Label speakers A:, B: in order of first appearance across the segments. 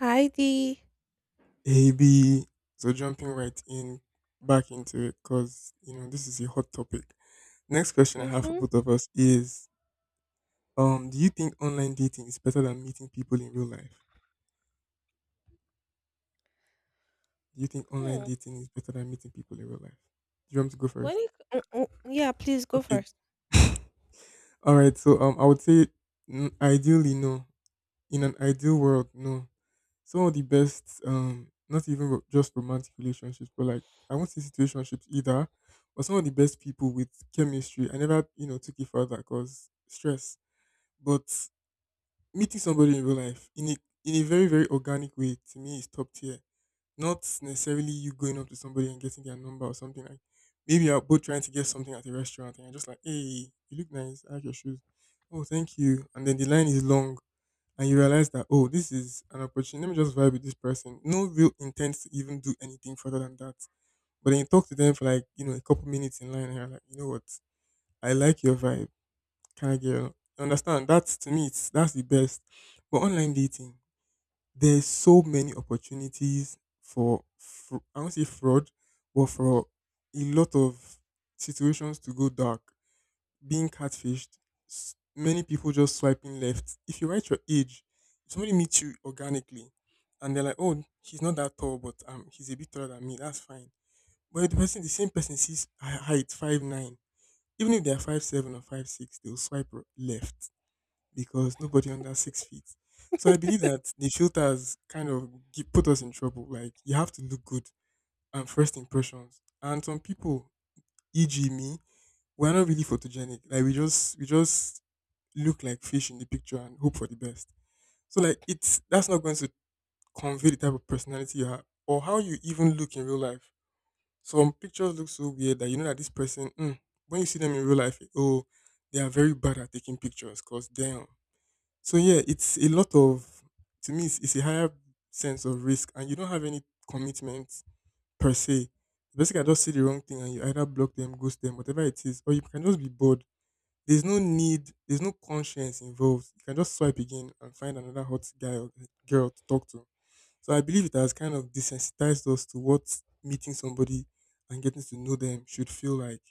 A: Heidi.
B: AB. So jumping right in back into it because this is a hot topic. Next question I have for
A: Mm-hmm.
B: both of us is: Do you think online dating is better than meeting people in real life? Do you think online
A: Hmm.
B: dating is better than meeting people in real life? Do you want me to go
A: When
B: first?
A: it Mm, mm, Yeah, please go
B: Okay.
A: first.
B: All right. So I would say ideally no. In an ideal world, no. Some of the best not even just romantic relationships, but like I won't say situationships either, but some of the best people with chemistry, I never took it further because stress. But meeting somebody in real life in a very very organic way, to me, is top tier. Not necessarily you going up to somebody and getting their number or something. Like maybe you're both trying to get something at a restaurant, and you're just like, hey, you look nice, I like your shoes. Oh, thank you. And then the line is long, and you realize that, oh, this is an opportunity. Let me just vibe with this person, no real intent to even do anything further than that. But then you talk to them for like a couple minutes in line, and you're like, you know what, I like your vibe, kind of girl. You understand? That's to me it's that's the best. But online dating, there's so many opportunities for, I won't say fraud, but for a lot of situations to go dark, being catfished, many people just swiping left. If you write your age, if somebody meets you organically and they're like, oh, he's not that tall, but he's a bit taller than me, that's fine. But if the person, the same person sees height 5'9", even if they're 5'7" or 5'6", they'll swipe left because nobody under 6 feet. So I believe that the filters kind of put us in trouble. Like, you have to look good and first impressions. And some people, e.g. me, we're not really photogenic. Like, we just look like fish in the picture and hope for the best. So like, it's that's not going to convey the type of personality you have or how you even look in real life. Some pictures look so weird that you know that this person, when you see them in real life, oh, they are very bad at taking pictures. Cause damn. So yeah, it's a lot of. To me, it's a higher sense of risk, and you don't have any commitment per se. Basically, I just say the wrong thing, and you either block them, ghost them, whatever it is, or you can just be bored. There's no need, there's no conscience involved. You can just swipe again and find another hot guy or girl to talk to. So I believe it has kind of desensitized us to what meeting somebody and getting to know them should feel like.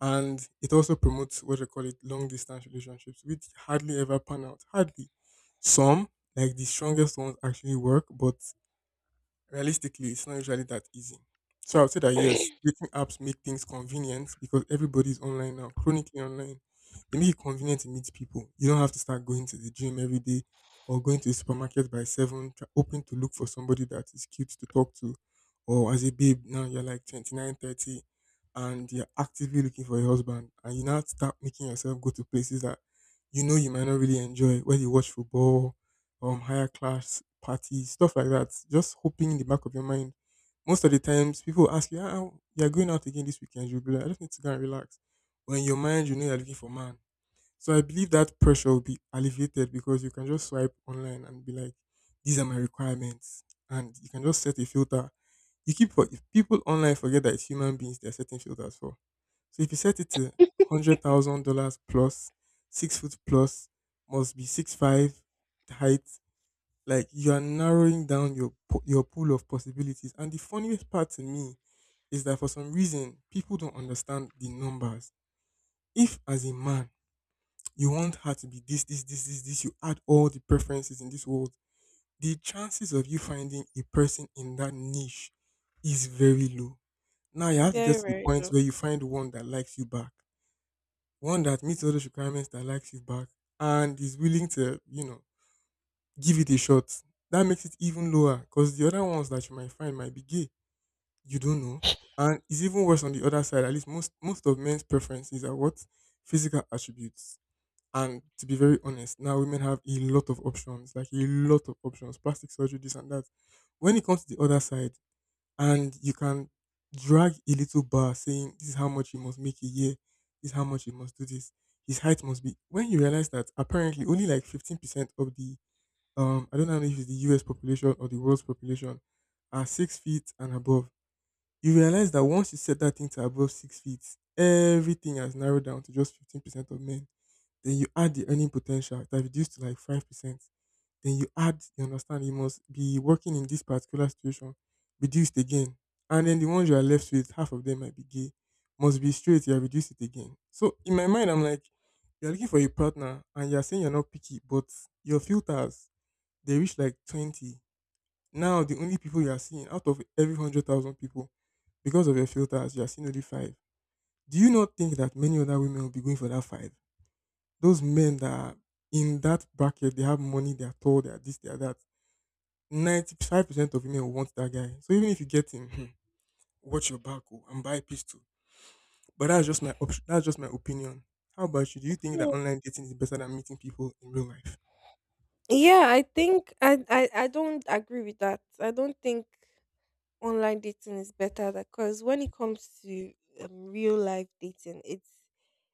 B: And it also promotes what they call it long distance relationships, which hardly ever pan out. Hardly. Some, like the strongest ones, actually work, but realistically, it's not usually that easy. So I would say that, yes, dating apps make things convenient because everybody's online now, chronically online. They make it convenient to meet people. You don't have to start going to the gym every day or going to the supermarket by seven, hoping to look for somebody that is cute to talk to. Or as a babe, now you're like 29, 30, and you're actively looking for a husband. And you now start making yourself go to places that you know you might not really enjoy, where you watch football, higher class parties, stuff like that. Just hoping in the back of your mind. Most of the times people ask you, ah, you're going out again this weekend, you'll be like, I just need to go and relax. But in your mind you know you're looking for man. So I believe that pressure will be alleviated because you can just swipe online and be like, these are my requirements, and you can just set a filter. You keep for, if people online forget that it's human beings they're setting filters for. So if you set it to $100,000 plus, 6 foot plus, must be 6'5" height, like, you are narrowing down your pool of possibilities. And the funniest part to me is that for some reason people don't understand the numbers. If as a man you want her to be this, this, this, this, this, you add all the preferences in this world, the chances of you finding a person in that niche is very low. Now you have to get
A: Very
B: to the
A: very
B: point
A: low.
B: where you find one that likes you back, one that meets all those requirements that likes you back, and is willing to, give it a shot. That makes it even lower because the other ones that you might find might be gay. You don't know. And it's even worse on the other side. At least most of men's preferences are what? Physical attributes. And to be very honest, now women have a lot of options, like a lot of options, plastic surgery, this and that. When it comes to the other side, and you can drag a little bar saying, this is how much you must make a year, this is how much you must do this, his height must be. When you realize that apparently only like 15% of the I don't know if it's the US population or the world's population, are 6 feet and above. You realize that once you set that thing to above 6 feet, everything has narrowed down to just 15% of men. Then you add the earning potential, that reduced to like 5%. Then you add, you understand, you must be working in this particular situation, reduced again. And then the ones you are left with, half of them might be gay, must be straight, you have reduced it again. So in my mind, I'm like, you're looking for a partner and you're saying you're not picky, but your filters, they reach like 20. Now, the only people you are seeing out of every 100,000 people, because of your filters, you are seeing only five. Do you not think that many other women will be going for that five? Those men that are in that bracket, they have money, they are tall, they are this, they are that. 95% of women will want that guy. So even if you get him, watch your back oh, and buy a pistol. But that's just my option. That's just my opinion. How about you? Do you think that
A: Hmm.
B: online dating is better than meeting people in real life?
A: Yeah, I think I don't agree with that. I don't think online dating is better because when it comes to real life dating, it's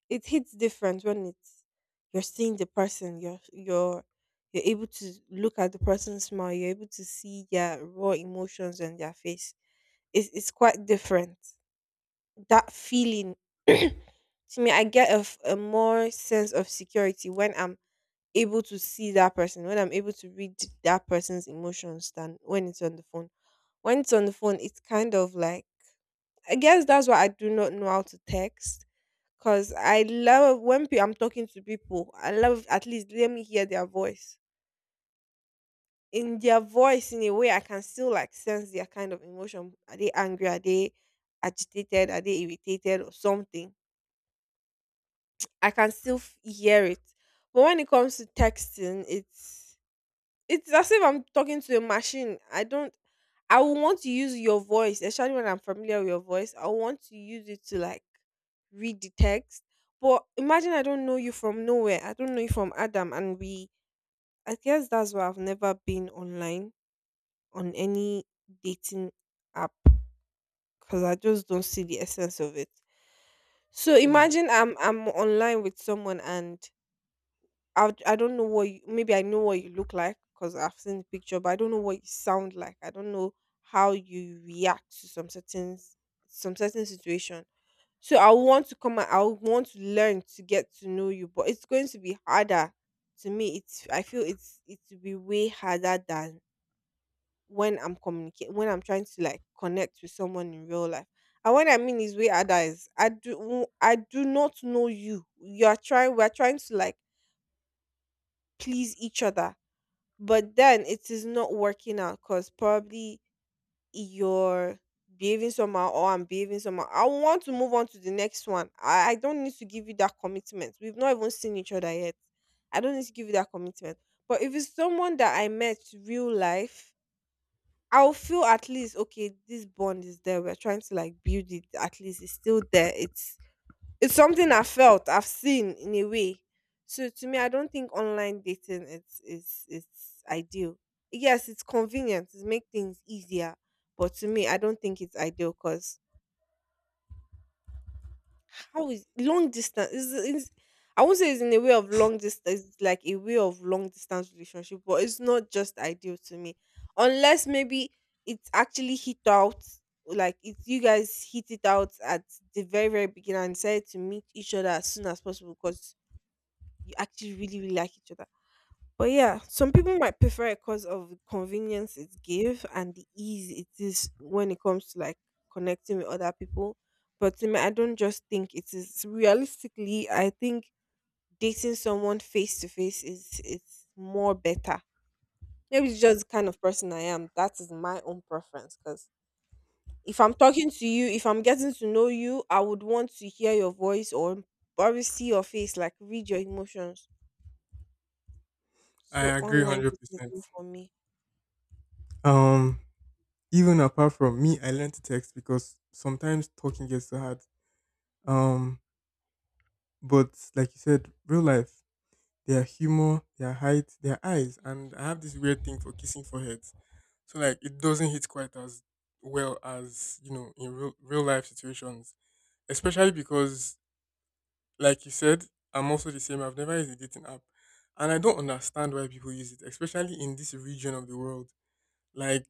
A: it hits different when it's, you're seeing the person, you're able to look at the person's smile, you're able to see their raw emotions on their face. It's quite different. That feeling to me, I get a more sense of security when I'm able to see that person, when I'm able to read that person's emotions than when it's on the phone. When it's on the phone, it's kind of like, I guess that's why I do not know how to text, because I love when I'm talking to people I love. At least let me hear their voice, in their voice. In a way I can still like sense their kind of emotion. Are they angry, are they agitated, are they irritated or something? I can still hear it. But when it comes to texting, it's as if I'm talking to a machine. I don't. I would want to use your voice, especially when I'm familiar with your voice. I want to use it to like read the text. But imagine I don't know you from nowhere. I don't know you from Adam, and we. I guess that's why I've never been online on any dating app, because I just don't see the essence of it. So
B: Hmm.
A: imagine I'm online with someone and I don't know what you, maybe I know what you look like because I've seen the picture, but I don't know what you sound like. I don't know how you react to some certain situation. So I want to come. I would want to learn to get to know you, but it's going to be harder. To me, it's, I feel it's, it will be way harder than when I'm communicating, when I'm trying to like connect with someone in real life. And what I mean is way harder is I do not know you. You are trying. We are trying to like please each other, but then it is not working out because probably you're behaving somehow or I'm behaving somehow. I want to move on to the next one. I don't need to give you that commitment. We've not even seen each other yet. I don't need to give you that commitment. But if it's someone that I met real life, I'll feel at least okay, this bond is there. We're trying to like build it. At least it's still there. It's something I felt, I've seen in a way. So to me, I don't think online dating it's is it's ideal. Yes, it's convenient, it makes things easier, but to me, I don't think it's ideal because how is long distance is, I won't say it's in a way of long distance, it's like a way of long distance relationship, but it's not just ideal to me. Unless maybe it's actually hit out, like it's, you guys hit it out at the very very beginning and decide to meet each other as soon as possible because you actually really really like each other. But yeah, some people might prefer it because of the convenience it give and the ease it is when it comes to like connecting with other people. But to me, I don't just think it is realistically. I think dating someone face to face is, it's more better. Maybe it's just the kind of person I am, that is my own preference, because if I'm talking to you, if I'm getting to know you, I would want to hear your voice or probably see your face, like read your emotions.
B: I
A: So
B: agree
A: online dating
B: 100%.
A: is for me.
B: Um, Even apart from me, I learned to text because sometimes talking gets so hard. Um, but like you said, real life, their humor, their height, their eyes, and I have this weird thing for kissing foreheads. So like, it doesn't hit quite as well as in real real life situations, especially because like you said, I'm also the same. I've never used a dating app, and I don't understand why people use it, especially in this region of the world. Like,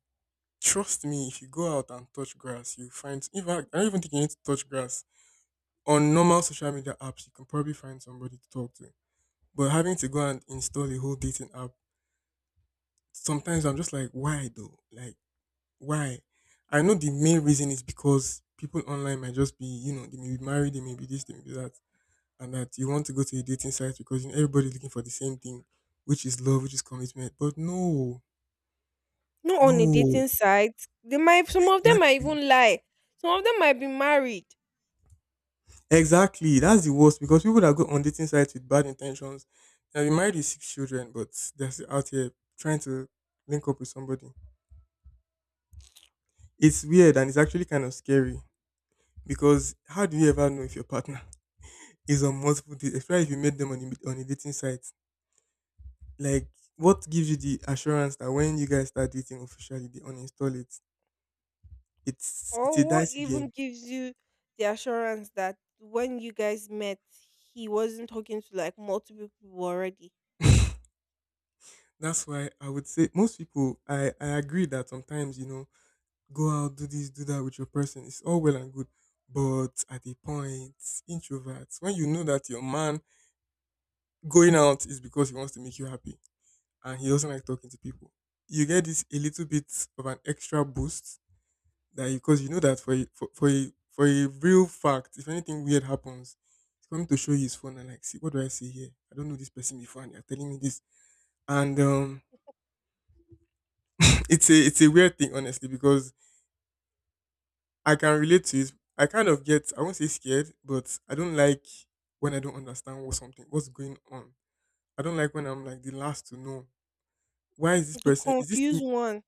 B: trust me, if you go out and touch grass, you find. In fact, I don't even think you need to touch grass. On normal social media apps, you can probably find somebody to talk to. But having to go and install a whole dating app, sometimes I'm just like, why though? Like, why? I know the main reason is because people online might just be, they may be married, they may be this, they may be that, and that you want to go to a dating site because, you know, everybody's looking for the same thing, which is love, which is commitment. But no,
A: Not on a
B: no,
A: dating site. They might, some of them might
B: exactly.
A: even lie. Some of them might be married.
B: Exactly. That's the worst because people that go on dating sites with bad intentions, they'll be married with six children, but they're still out here trying to link up with somebody. It's weird and it's actually kind of scary because how do you ever know if your partner is on multiple dates, especially if you met them on on a dating site? Like, what gives you the assurance that when you guys start dating officially, they uninstall it? It's a
A: Or what
B: dicey
A: even
B: game.
A: gives you the assurance that when you guys met, he wasn't talking to like multiple people already.
B: That's why I would say most people, I agree that sometimes, go out, do this, do that with your person. It's all well and good. But at a point, introverts, when you know that your man going out is because he wants to make you happy and he doesn't like talking to people, you get this a little bit of an extra boost that because you know that for a real fact, if anything weird happens, he's coming to show you his phone and like, see, what do I see here? I don't know this person before and you're telling me this. And it's a weird thing, honestly, because I can relate to it. I kind of get, I won't say scared, but I don't like when I don't understand what's going on. I don't like when I'm like the last to know. Why is this
A: To
B: person, is this
A: confuse
B: thing
A: one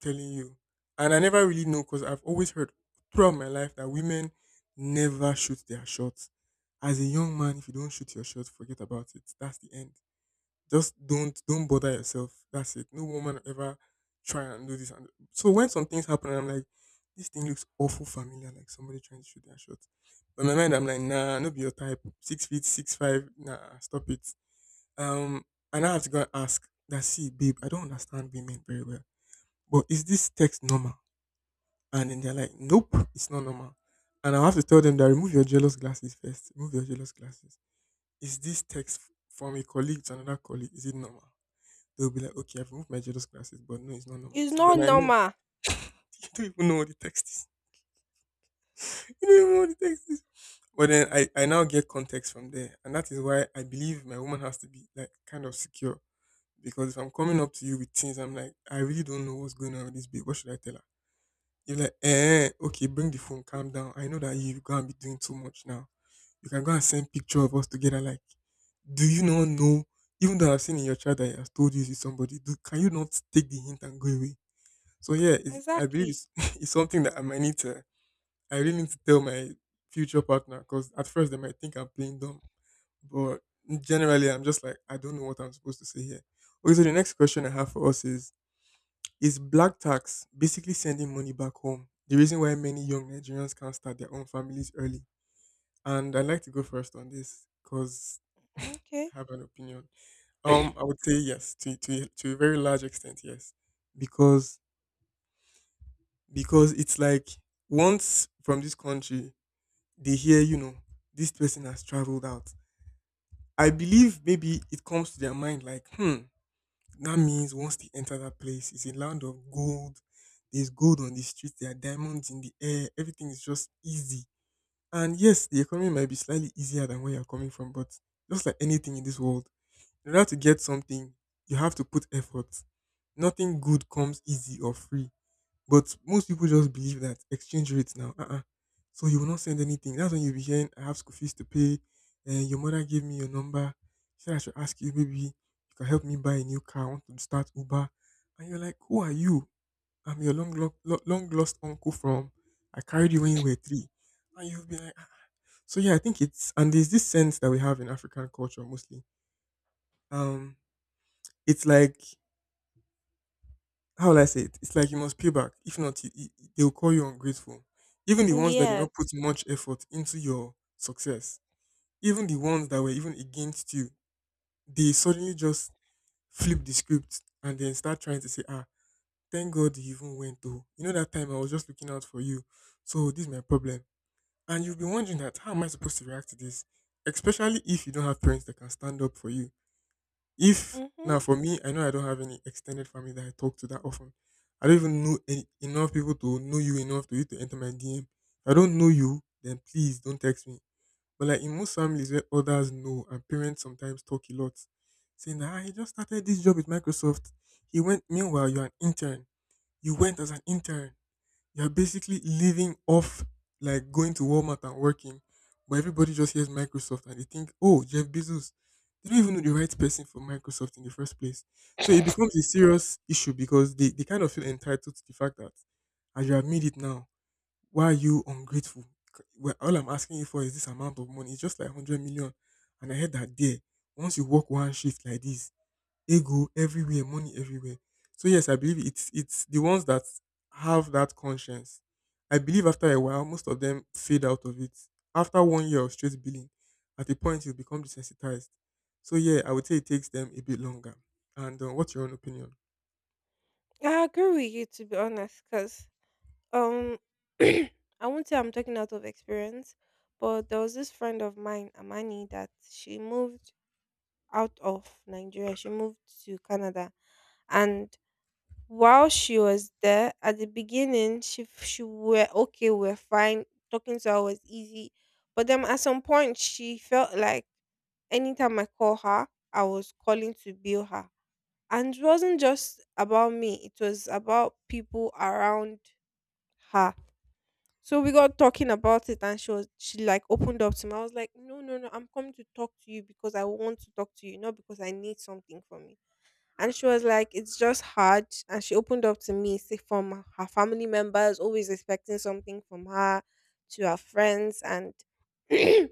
B: telling you? And I never really know because I've always heard throughout my life that women never shoot their shots. As a young man, if you don't shoot your shot, forget about it. That's the end. Just don't bother yourself. That's it. No woman ever try and do this. And so when some things happen, I'm like, this thing looks awful familiar, like somebody trying to shoot their shot. But in my mind, I'm like, nah, no be your type. 6 feet, 6'5". Nah, stop it. Um, and I have to go and ask that. See, babe, I don't understand women very well. But is this text normal? And then they're like, nope, it's not normal. And I have to tell them that remove your jealous glasses first. Remove your jealous glasses. Is this text from a colleague to another colleague? Is it normal? They'll be like, okay, I've moved my jealous glasses, but no, it's not normal.
A: is
B: So
A: not
B: then I know
A: normal.
B: you don't even know what the text is. You don't even know what the text is. But then I now get context from there. And that is why I believe my woman has to be like kind of secure. Because if I'm coming up to you with things, I'm like, I really don't know what's going on with this babe. What should I tell her? You're like, eh, okay, bring the phone, calm down. I know that you can't be doing too much now. You can go and send picture of us together. Like, do you not know? Even though I've seen in your child that he has told you he's with somebody, can you not take the hint and go away? So yeah, I believe
A: Exactly.
B: it's, it's something that I might need to. I really need to tell my future partner because at first they might think I'm playing dumb, but generally I'm just like I don't know what I'm supposed to say here. Okay, so the next question I have for us is: is black tax, basically sending money back home, the reason why many young Nigerians can't start their own families early? And I'd like to go first on this because
A: Okay.
B: I have an opinion. I would say yes, to a very large extent, yes, because because it's like, once from this country, they hear, this person has traveled out. I believe maybe it comes to their mind, like, that means once they enter that place, it's a land of gold. There's gold on the streets, there are diamonds in the air, everything is just easy. And yes, the economy might be slightly easier than where you're coming from, but just like anything in this world, in order to get something, you have to put effort. Nothing good comes easy or free. But most people just believe that exchange rates now, uh-uh. So you will not send anything. That's when you'll be hearing, I have school fees to pay. And your mother gave me your number. She said I should ask you, maybe you can help me buy a new car. I want to start Uber. And you're like, who are you? I'm your long, long lost uncle from, I carried you when you were three. And you'll be like, "Ah." So yeah, I think it's, and there's this sense that we have in African culture, mostly. Um, It's like, how will I say it? It's like you must pay back. If not, they'll call you ungrateful. Even the ones that did not put
A: Yes.
B: much effort into your success, even the ones that were even against you, they suddenly just flip the script and then start trying to say, ah, thank God you even went though. You know that time I was just looking out for you. So this is my problem. And you have been wondering that how am I supposed to react to this? Especially if you don't have parents that can stand up for you. If
A: Mm-hmm.
B: now for me, I know I don't have any extended family that I talk to that often. I don't even know enough people to know you enough to you to enter my DM. If I don't know you, then please don't text me. But like in most families where others know and parents sometimes talk a lot, saying that, "Ah, he just started this job with Microsoft. He went meanwhile you're an intern. You went as an intern, you're basically living off like going to Walmart and working, but everybody just hears Microsoft and they think, oh, Jeff Bezos. They don't even know the right person for Microsoft in the first place. So it becomes a serious issue because they kind of feel entitled to the fact that as you have made it now, why are you ungrateful? Well, all I'm asking you for is this amount of money. It's just like 100 million. And I heard that there, once you work one shift like this, ego everywhere, money everywhere. So yes, I believe it's the ones that have that conscience. I believe after a while, most of them fade out of it. After one year of straight billing, at a point you become desensitized. So yeah, I would say it takes them a bit longer. And what's your own opinion?
A: I agree with you, to be honest, because Um, I won't say I'm talking out of experience, but there was this friend of mine, Amani, that she moved out of Nigeria. She moved to Canada, and while she was there, at the beginning, she were okay, we're fine. Talking to her was easy, but then at some point, she felt like anytime I call her, I was calling to bill her. And it wasn't just about me, it was about people around her. So we got talking about it and she like opened up to me. I was like, no, no, no, I'm coming to talk to you because I want to talk to you, not because I need something from you. And she was like, it's just hard. And she opened up to me, say from her family members, always expecting something from her, to her friends, and to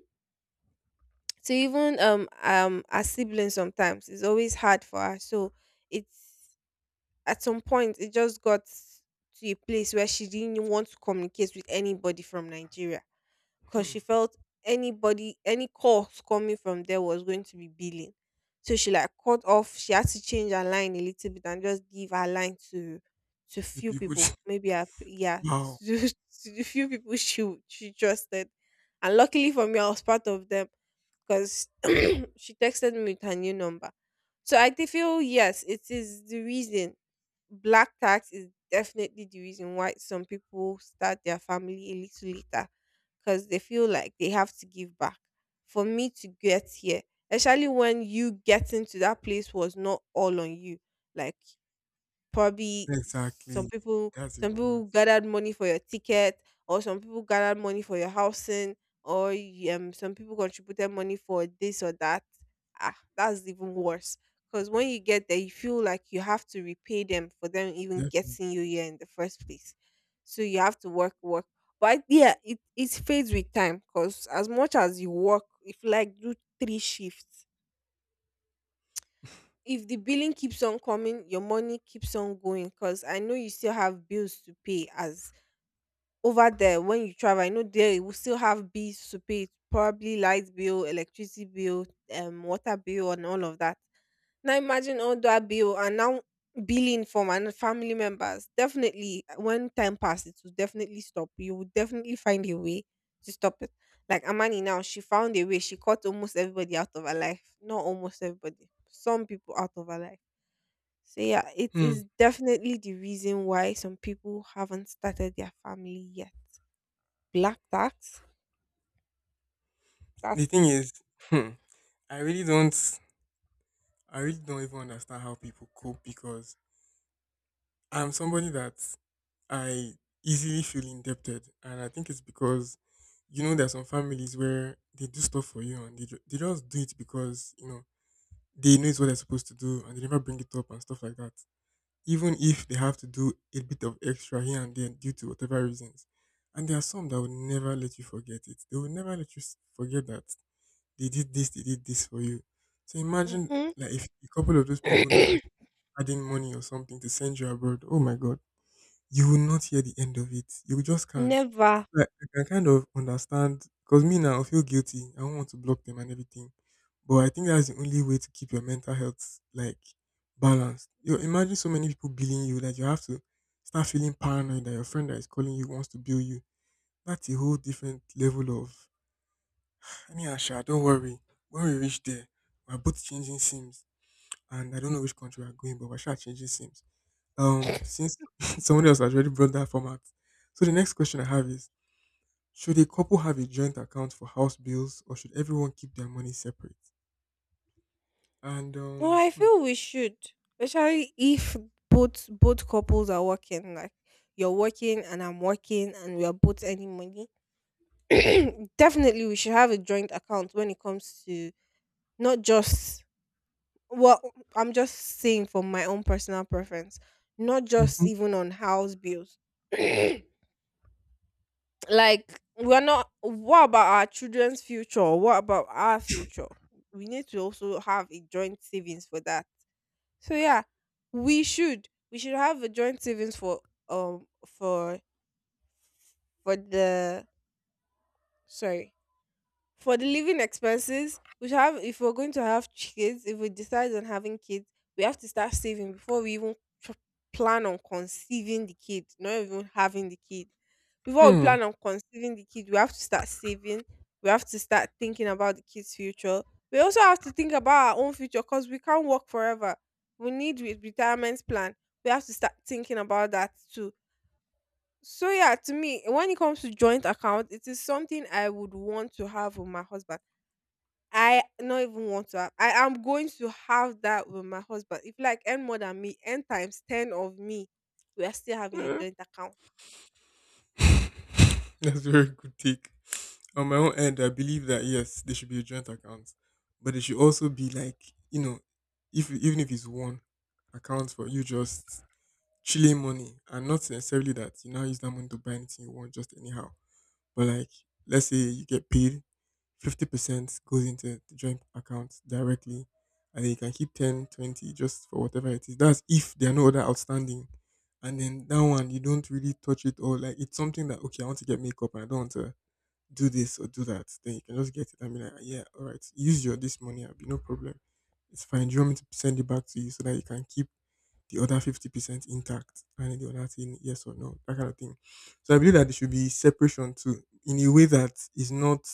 A: even her siblings sometimes. It's always hard for her. So it's, at some point it just got to a place where she didn't want to communicate with anybody from Nigeria because
B: Hmm.
A: she felt anybody, any calls coming from there was going to be billing. So she like cut off, she had to change her line a little bit and just give her line to
B: The
A: few
B: people,
A: people, maybe her, yeah,
B: wow,
A: to the few people she trusted, and luckily for me I was part of them because she texted me with her new number. So I do feel yes, it is the reason. Black tax is definitely the reason why some people start their family a little later because they feel like they have to give back. For me to get here, especially when you getting to that place was not all on you. Like probably some
B: exactly.
A: people
B: That's
A: some
B: even worse.
A: people gathered money for your ticket, or some people gathered money for your housing, or some people contributed money for this or that. Ah, that's even worse because when you get there you feel like you have to repay them for them even
B: Definitely.
A: getting you here in the first place. So you have to work work. But yeah, it fades with time because as much as you work, if you like do three shifts, if the billing keeps on coming, your money keeps on going, because I know you still have bills to pay as, over there when you travel. I know there you will still have bills to pay, probably light bill, electricity bill, water bill, and all of that. Now imagine all that bill and now billing from and family members. Definitely, when time passes, it will definitely stop. You will definitely find a way to stop it. Like Amani now, she found a way. She cut almost everybody out of her life. Not almost everybody. Some people out of her life. So yeah, it
B: Hmm.
A: is definitely the reason why some people haven't started their family yet. Black tax,
B: The
A: that
B: thing
A: is-
B: is, hmm, I really don't, I really don't even understand how people cope because I'm somebody that I easily feel indebted, and I think it's because there's some families where they do stuff for you and they just do it because they know it's what they're supposed to do and they never bring it up and stuff like that. Even if they have to do a bit of extra here and there due to whatever reasons, and there are some that will never let you forget it. They will never let you forget that they did this for you. So imagine
A: Mhm.
B: like if a couple of those people now are adding money or something to send you abroad. Oh my god, you will not hear the end of it. You just can't.
A: Never.
B: So I can kind of understand, because me now, I feel guilty. I don't want to block them and everything. But I think that's the only way to keep your mental health like balanced. You imagine so many people billing you that you have to start feeling paranoid that your friend that is calling you wants to bill you. That's a whole different level of anyhow. Sha, don't worry. When we reach there, we're both changing sims, and I don't know which country we're going, but we're sure changing sims. Since someone else has already brought that format. So the next question I have is, should a couple have a joint account for house bills or should everyone keep their money separate? And
A: Well, I
B: hmm.
A: feel we should, especially if both couples are working. Like you're working and I'm working, and we are both earning money. Definitely, we should have a joint account when it comes to not just, well, I'm just saying from my own personal preference, not just
B: Mhm.
A: even on house bills. Like we're not, what about our children's future, what about our future? We need to also have a joint savings for that. So yeah, we should, we should have a joint savings um for for the, sorry, for the living expenses. We should have, if we're going to have kids, if we decide on having kids, we have to start saving before we even tr- plan on conceiving the kid, not even having the kid. Before we
B: Hmm.
A: plan on conceiving the kid, we have to start saving. We have to start thinking about the kid's future. We also have to think about our own future because we can't work forever. We need retirement plan. We have to start thinking about that too. So yeah, to me, when it comes to joint account, it is something I would want to have with my husband. I not even want to have, I am going to have that with my husband. If you like earn more than me, n times 10 of me, we are still having a
B: Eh,
A: joint account.
B: that's a very good take. On my own end, I believe that yes, there should be a joint account. But it should also be like, you know, if even if it's one account for you just chilling money and not necessarily that you now use that money to buy anything you want just anyhow. But like, let's say you get paid, 50% goes into the joint account directly, and then you can keep 10, 20 just for whatever it is. That's if there are no other outstanding. And then that one you don't really touch it, or like, it's something that okay, I want to get makeup and I don't want to do this or do that. Then you can just get it and be like, "Ah, yeah, all right, use your this money, I'll be no problem. It's fine. Do you want me to send it back to you so that you can keep the other 50% intact?" And the other thing yes or no, that kind of thing. So I believe that there should be separation too, in a way that is not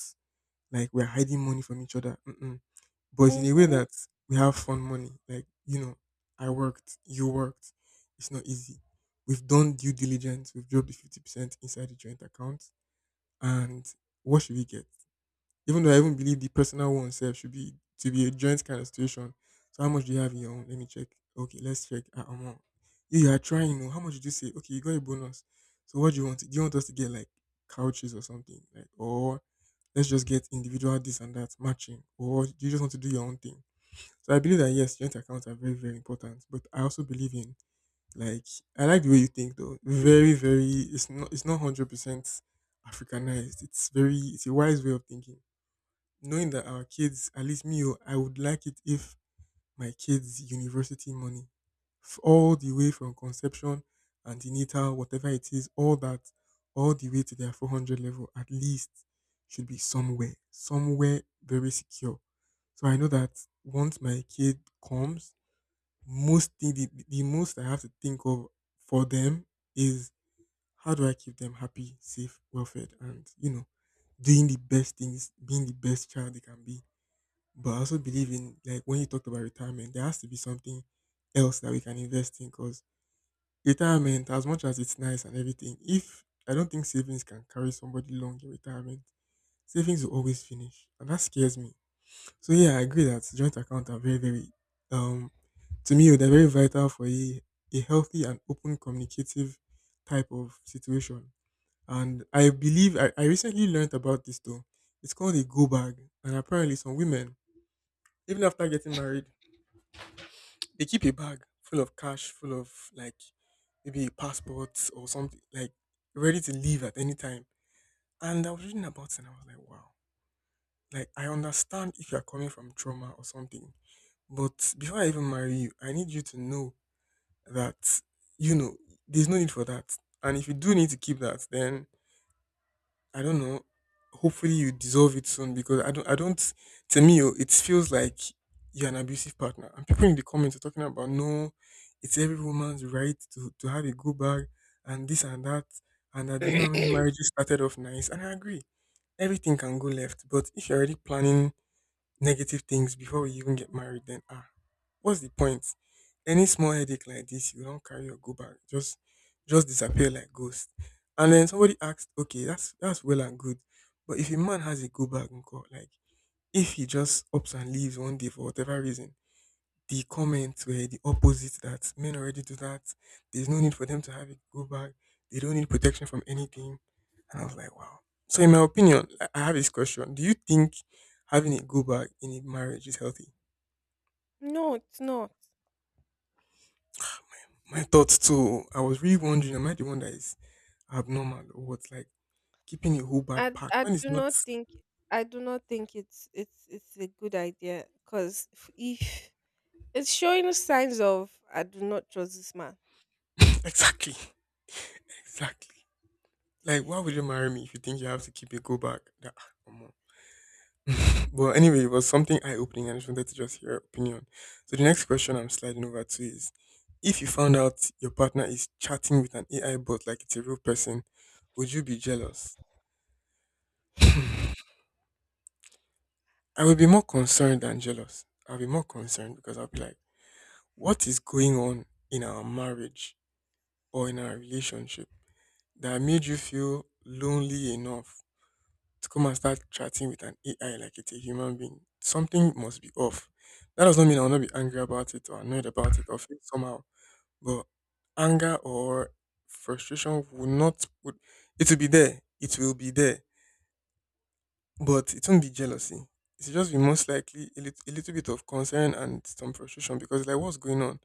B: like we're hiding money from each other. Mm-mm. But in a way
A: Mm-hmm.
B: that we have fun money. Like, I worked, you worked. It's not easy. We've done due diligence, we've dropped the 50% inside the joint account. And what should we get? Even though I even believe the personal one sef should be to be a joint kind of situation. So how much do you have in your own? Let me check. Okay, let's check. Ah, omo, you are trying. No, how much did you say? Okay, you got a bonus. So what do you want? Do you want us to get like couches or something? Like, or let's just get individual this and that matching. Or do you just want to do your own thing? So I believe that, yes, joint accounts are very, very important. But I also believe in, like, I like the way you think though. Very, very it's not 100% Africanized. It's very, it's a wise way of thinking, knowing that our kids, at least me, oh, I would like it if my kids' university money, all the way from conception, antenatal, whatever it is, all that, all the way to their 400 level, at least, should be somewhere, somewhere very secure. So I know that once my kid comes, most thing, the most I have to think of for them is how do I keep them happy, safe, well fed, and, you know, doing the best things, being the best child they can be. But I also believe in, like, when you talked about retirement, there has to be something else that we can invest in, because retirement, as much as it's nice and everything, if I don't think savings can carry somebody long in retirement, savings will always finish, and that scares me. So yeah, I agree that joint accounts are very, very um to me they're very vital for a healthy and open communicative type of situation. And I believe I recently learned about this though. It's called a go bag, and apparently some women, even after getting married, they keep a bag full of cash, full of like maybe a passport or something, like ready to leave at any time. And I was reading about it and I was like, wow. Like, I understand if you're coming from trauma or something. But before I even marry you, I need you to know that, you know, there's no need for that. And if you do need to keep that, then I don't know. Hopefully you dissolve it soon, because I don't to me oh, it feels like you're an abusive partner. And people in the comments are talking about, no, it's every woman's right to have a good bag and this and that and that. Do you know how many marriages started off nice? And I agree. Everything can go left, but if you're already planning negative things before we even get married, then ah, what's the point? Any small headache like this, you don't carry or go back, just disappear like ghost. And then somebody asked, okay, that's well and good, but if a man has a go back, uncle, like if he just ups and leaves one day for whatever reason, the comments were the opposite, that men already do that. There's no need for them to have it go back. They don't need protection from anything. And I was like, wow. So, in my opinion, I have this question. Do you think having it go back in a marriage is healthy?
A: No, it's not.
B: My thoughts too. I was really wondering, am I the one that is abnormal or what? Like, keeping a whole back
A: I
B: packed.
A: I
B: When it's
A: do
B: not.
A: not think, I do not think it's a good idea because if it's showing signs of I do not trust this man.
B: Exactly. Exactly. Like, why would you marry me if you think you have to keep a go back? That, ah, come on. But anyway, it was something eye opening, and I just wanted to just hear your opinion. So the next question I'm sliding over to is: if you found out your partner is chatting with an AI bot like it's a real person, would you be jealous? I would be more concerned than jealous. I'll be more concerned because I'll be like, what is going on in our marriage or in our relationship that made you feel lonely enough to come and start chatting with an AI like it's a human being. Something must be off. That does not mean I'll not be angry about it or annoyed about it or feel somehow. But anger or frustration will not would it will be there. It will be there. But it won't be jealousy. It's just be most likely a, a little bit of concern and some frustration because like what's going on?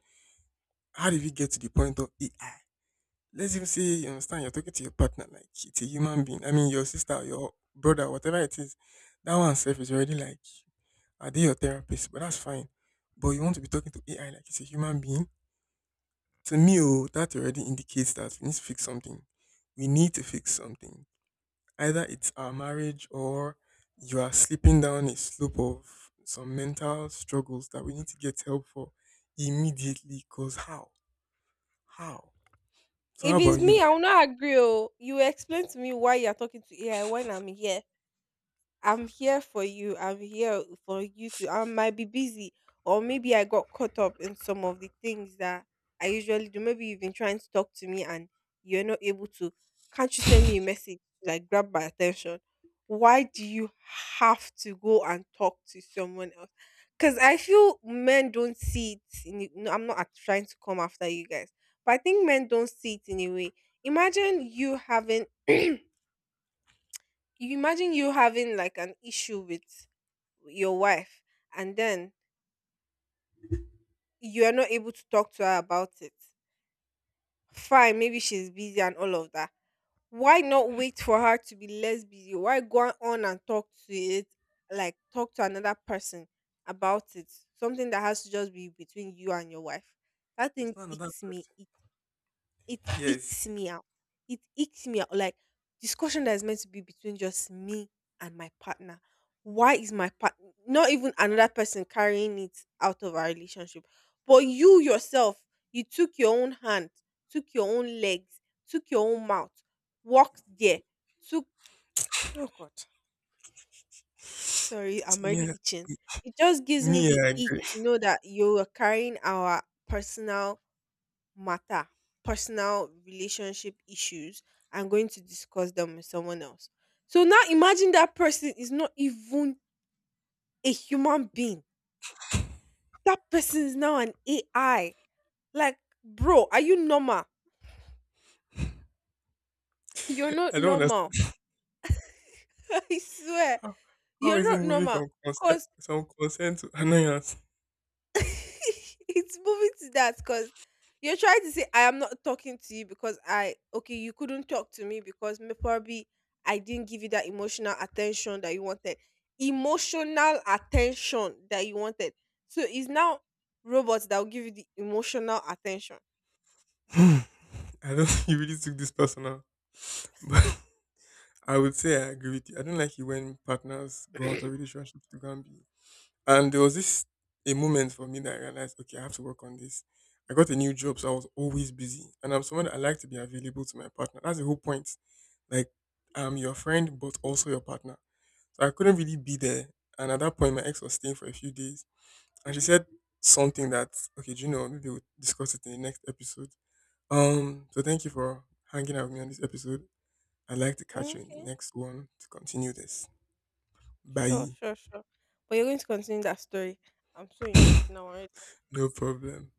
B: How did we get to the point of AI? Let's even say you understand you're talking to your partner like it's a human being. I mean your sister, or your brother, whatever it is. That one self is already like, are they your therapist? But that's fine. But you want to be talking to AI like it's a human being. To me, oh, that already indicates that we need to fix something. We need to fix something. Either it's our marriage or you are slipping down a slope of some mental struggles that we need to get help for immediately. Cause how? How? So
A: If
B: how about
A: it's
B: you?
A: me, I will not agree. Oh, you will explain to me why you are talking to AI when I'm here. I'm here for you. I'm here for you to. I might be busy, or maybe I got caught up in some of the things that I usually do. Maybe you've been trying to talk to me and you're not able to. Can't you send me a message to like grab my attention? Why do you have to go and talk to someone else? Because I feel men don't see it. No, I'm not trying to come after you guys, but I think men don't see it in a way. Imagine you having. You imagine you having like an issue with your wife, and then you are not able to talk to her about it. Fine, maybe she's busy and all of that, why not wait for her to be less busy? Why go on and talk to it, like talk to another person about it, something that has to just be between you and your wife? That
B: It's
A: thing
B: not another
A: icks me.
B: person.
A: It
B: Yes.
A: ekes me out. It ekes me out. Like discussion that is meant to be between just me and my partner. Why is my partner, not even another person, carrying it out of our relationship? But you yourself, you took your own hand, took your own legs, took your own mouth, walked there, took, oh God.
B: See,
A: Sorry, I'm
B: me,
A: already itching. It just gives me the
B: I
A: ick
B: agree.
A: to know that you are carrying our personal matter, personal relationship issues, I'm going to discuss them with someone else. So now imagine that person is not even a human being. That person is now an AI. Like, bro, are you normal? You're not
B: I don't
A: normal.
B: understand
A: I swear,
B: how, how
A: you're
B: is it
A: not
B: moving
A: normal.
B: from consent to annoyance.
A: It's moving to that because you're trying to say I am not talking to you because I, okay, you couldn't talk to me because probably I didn't give you that emotional attention that you wanted, emotional attention that you wanted. So it's now robots that will give you the emotional attention.
B: Hmm. I don't think you really took this personal, but I would say I agree with you. I don't like it when partners go out of relationships to go and be. And there was this a moment for me that I realized, okay, I have to work on this. I got a new job, so I was always busy, and I'm someone that I like to be available to my partner. That's the whole point. Like, I'm your friend, but also your partner. So I couldn't really be there. And at that point, my ex was staying for a few days. And she said something that, okay, do you know, maybe we'll discuss it in the next episode. So thank you for hanging out with me on this episode. I'd like to catch you in the
A: Okay,
B: next one to continue this.
A: sure,
B: Bye.
A: sure, sure. But you're going to continue that story. I'm so intrigued now.
B: No problem.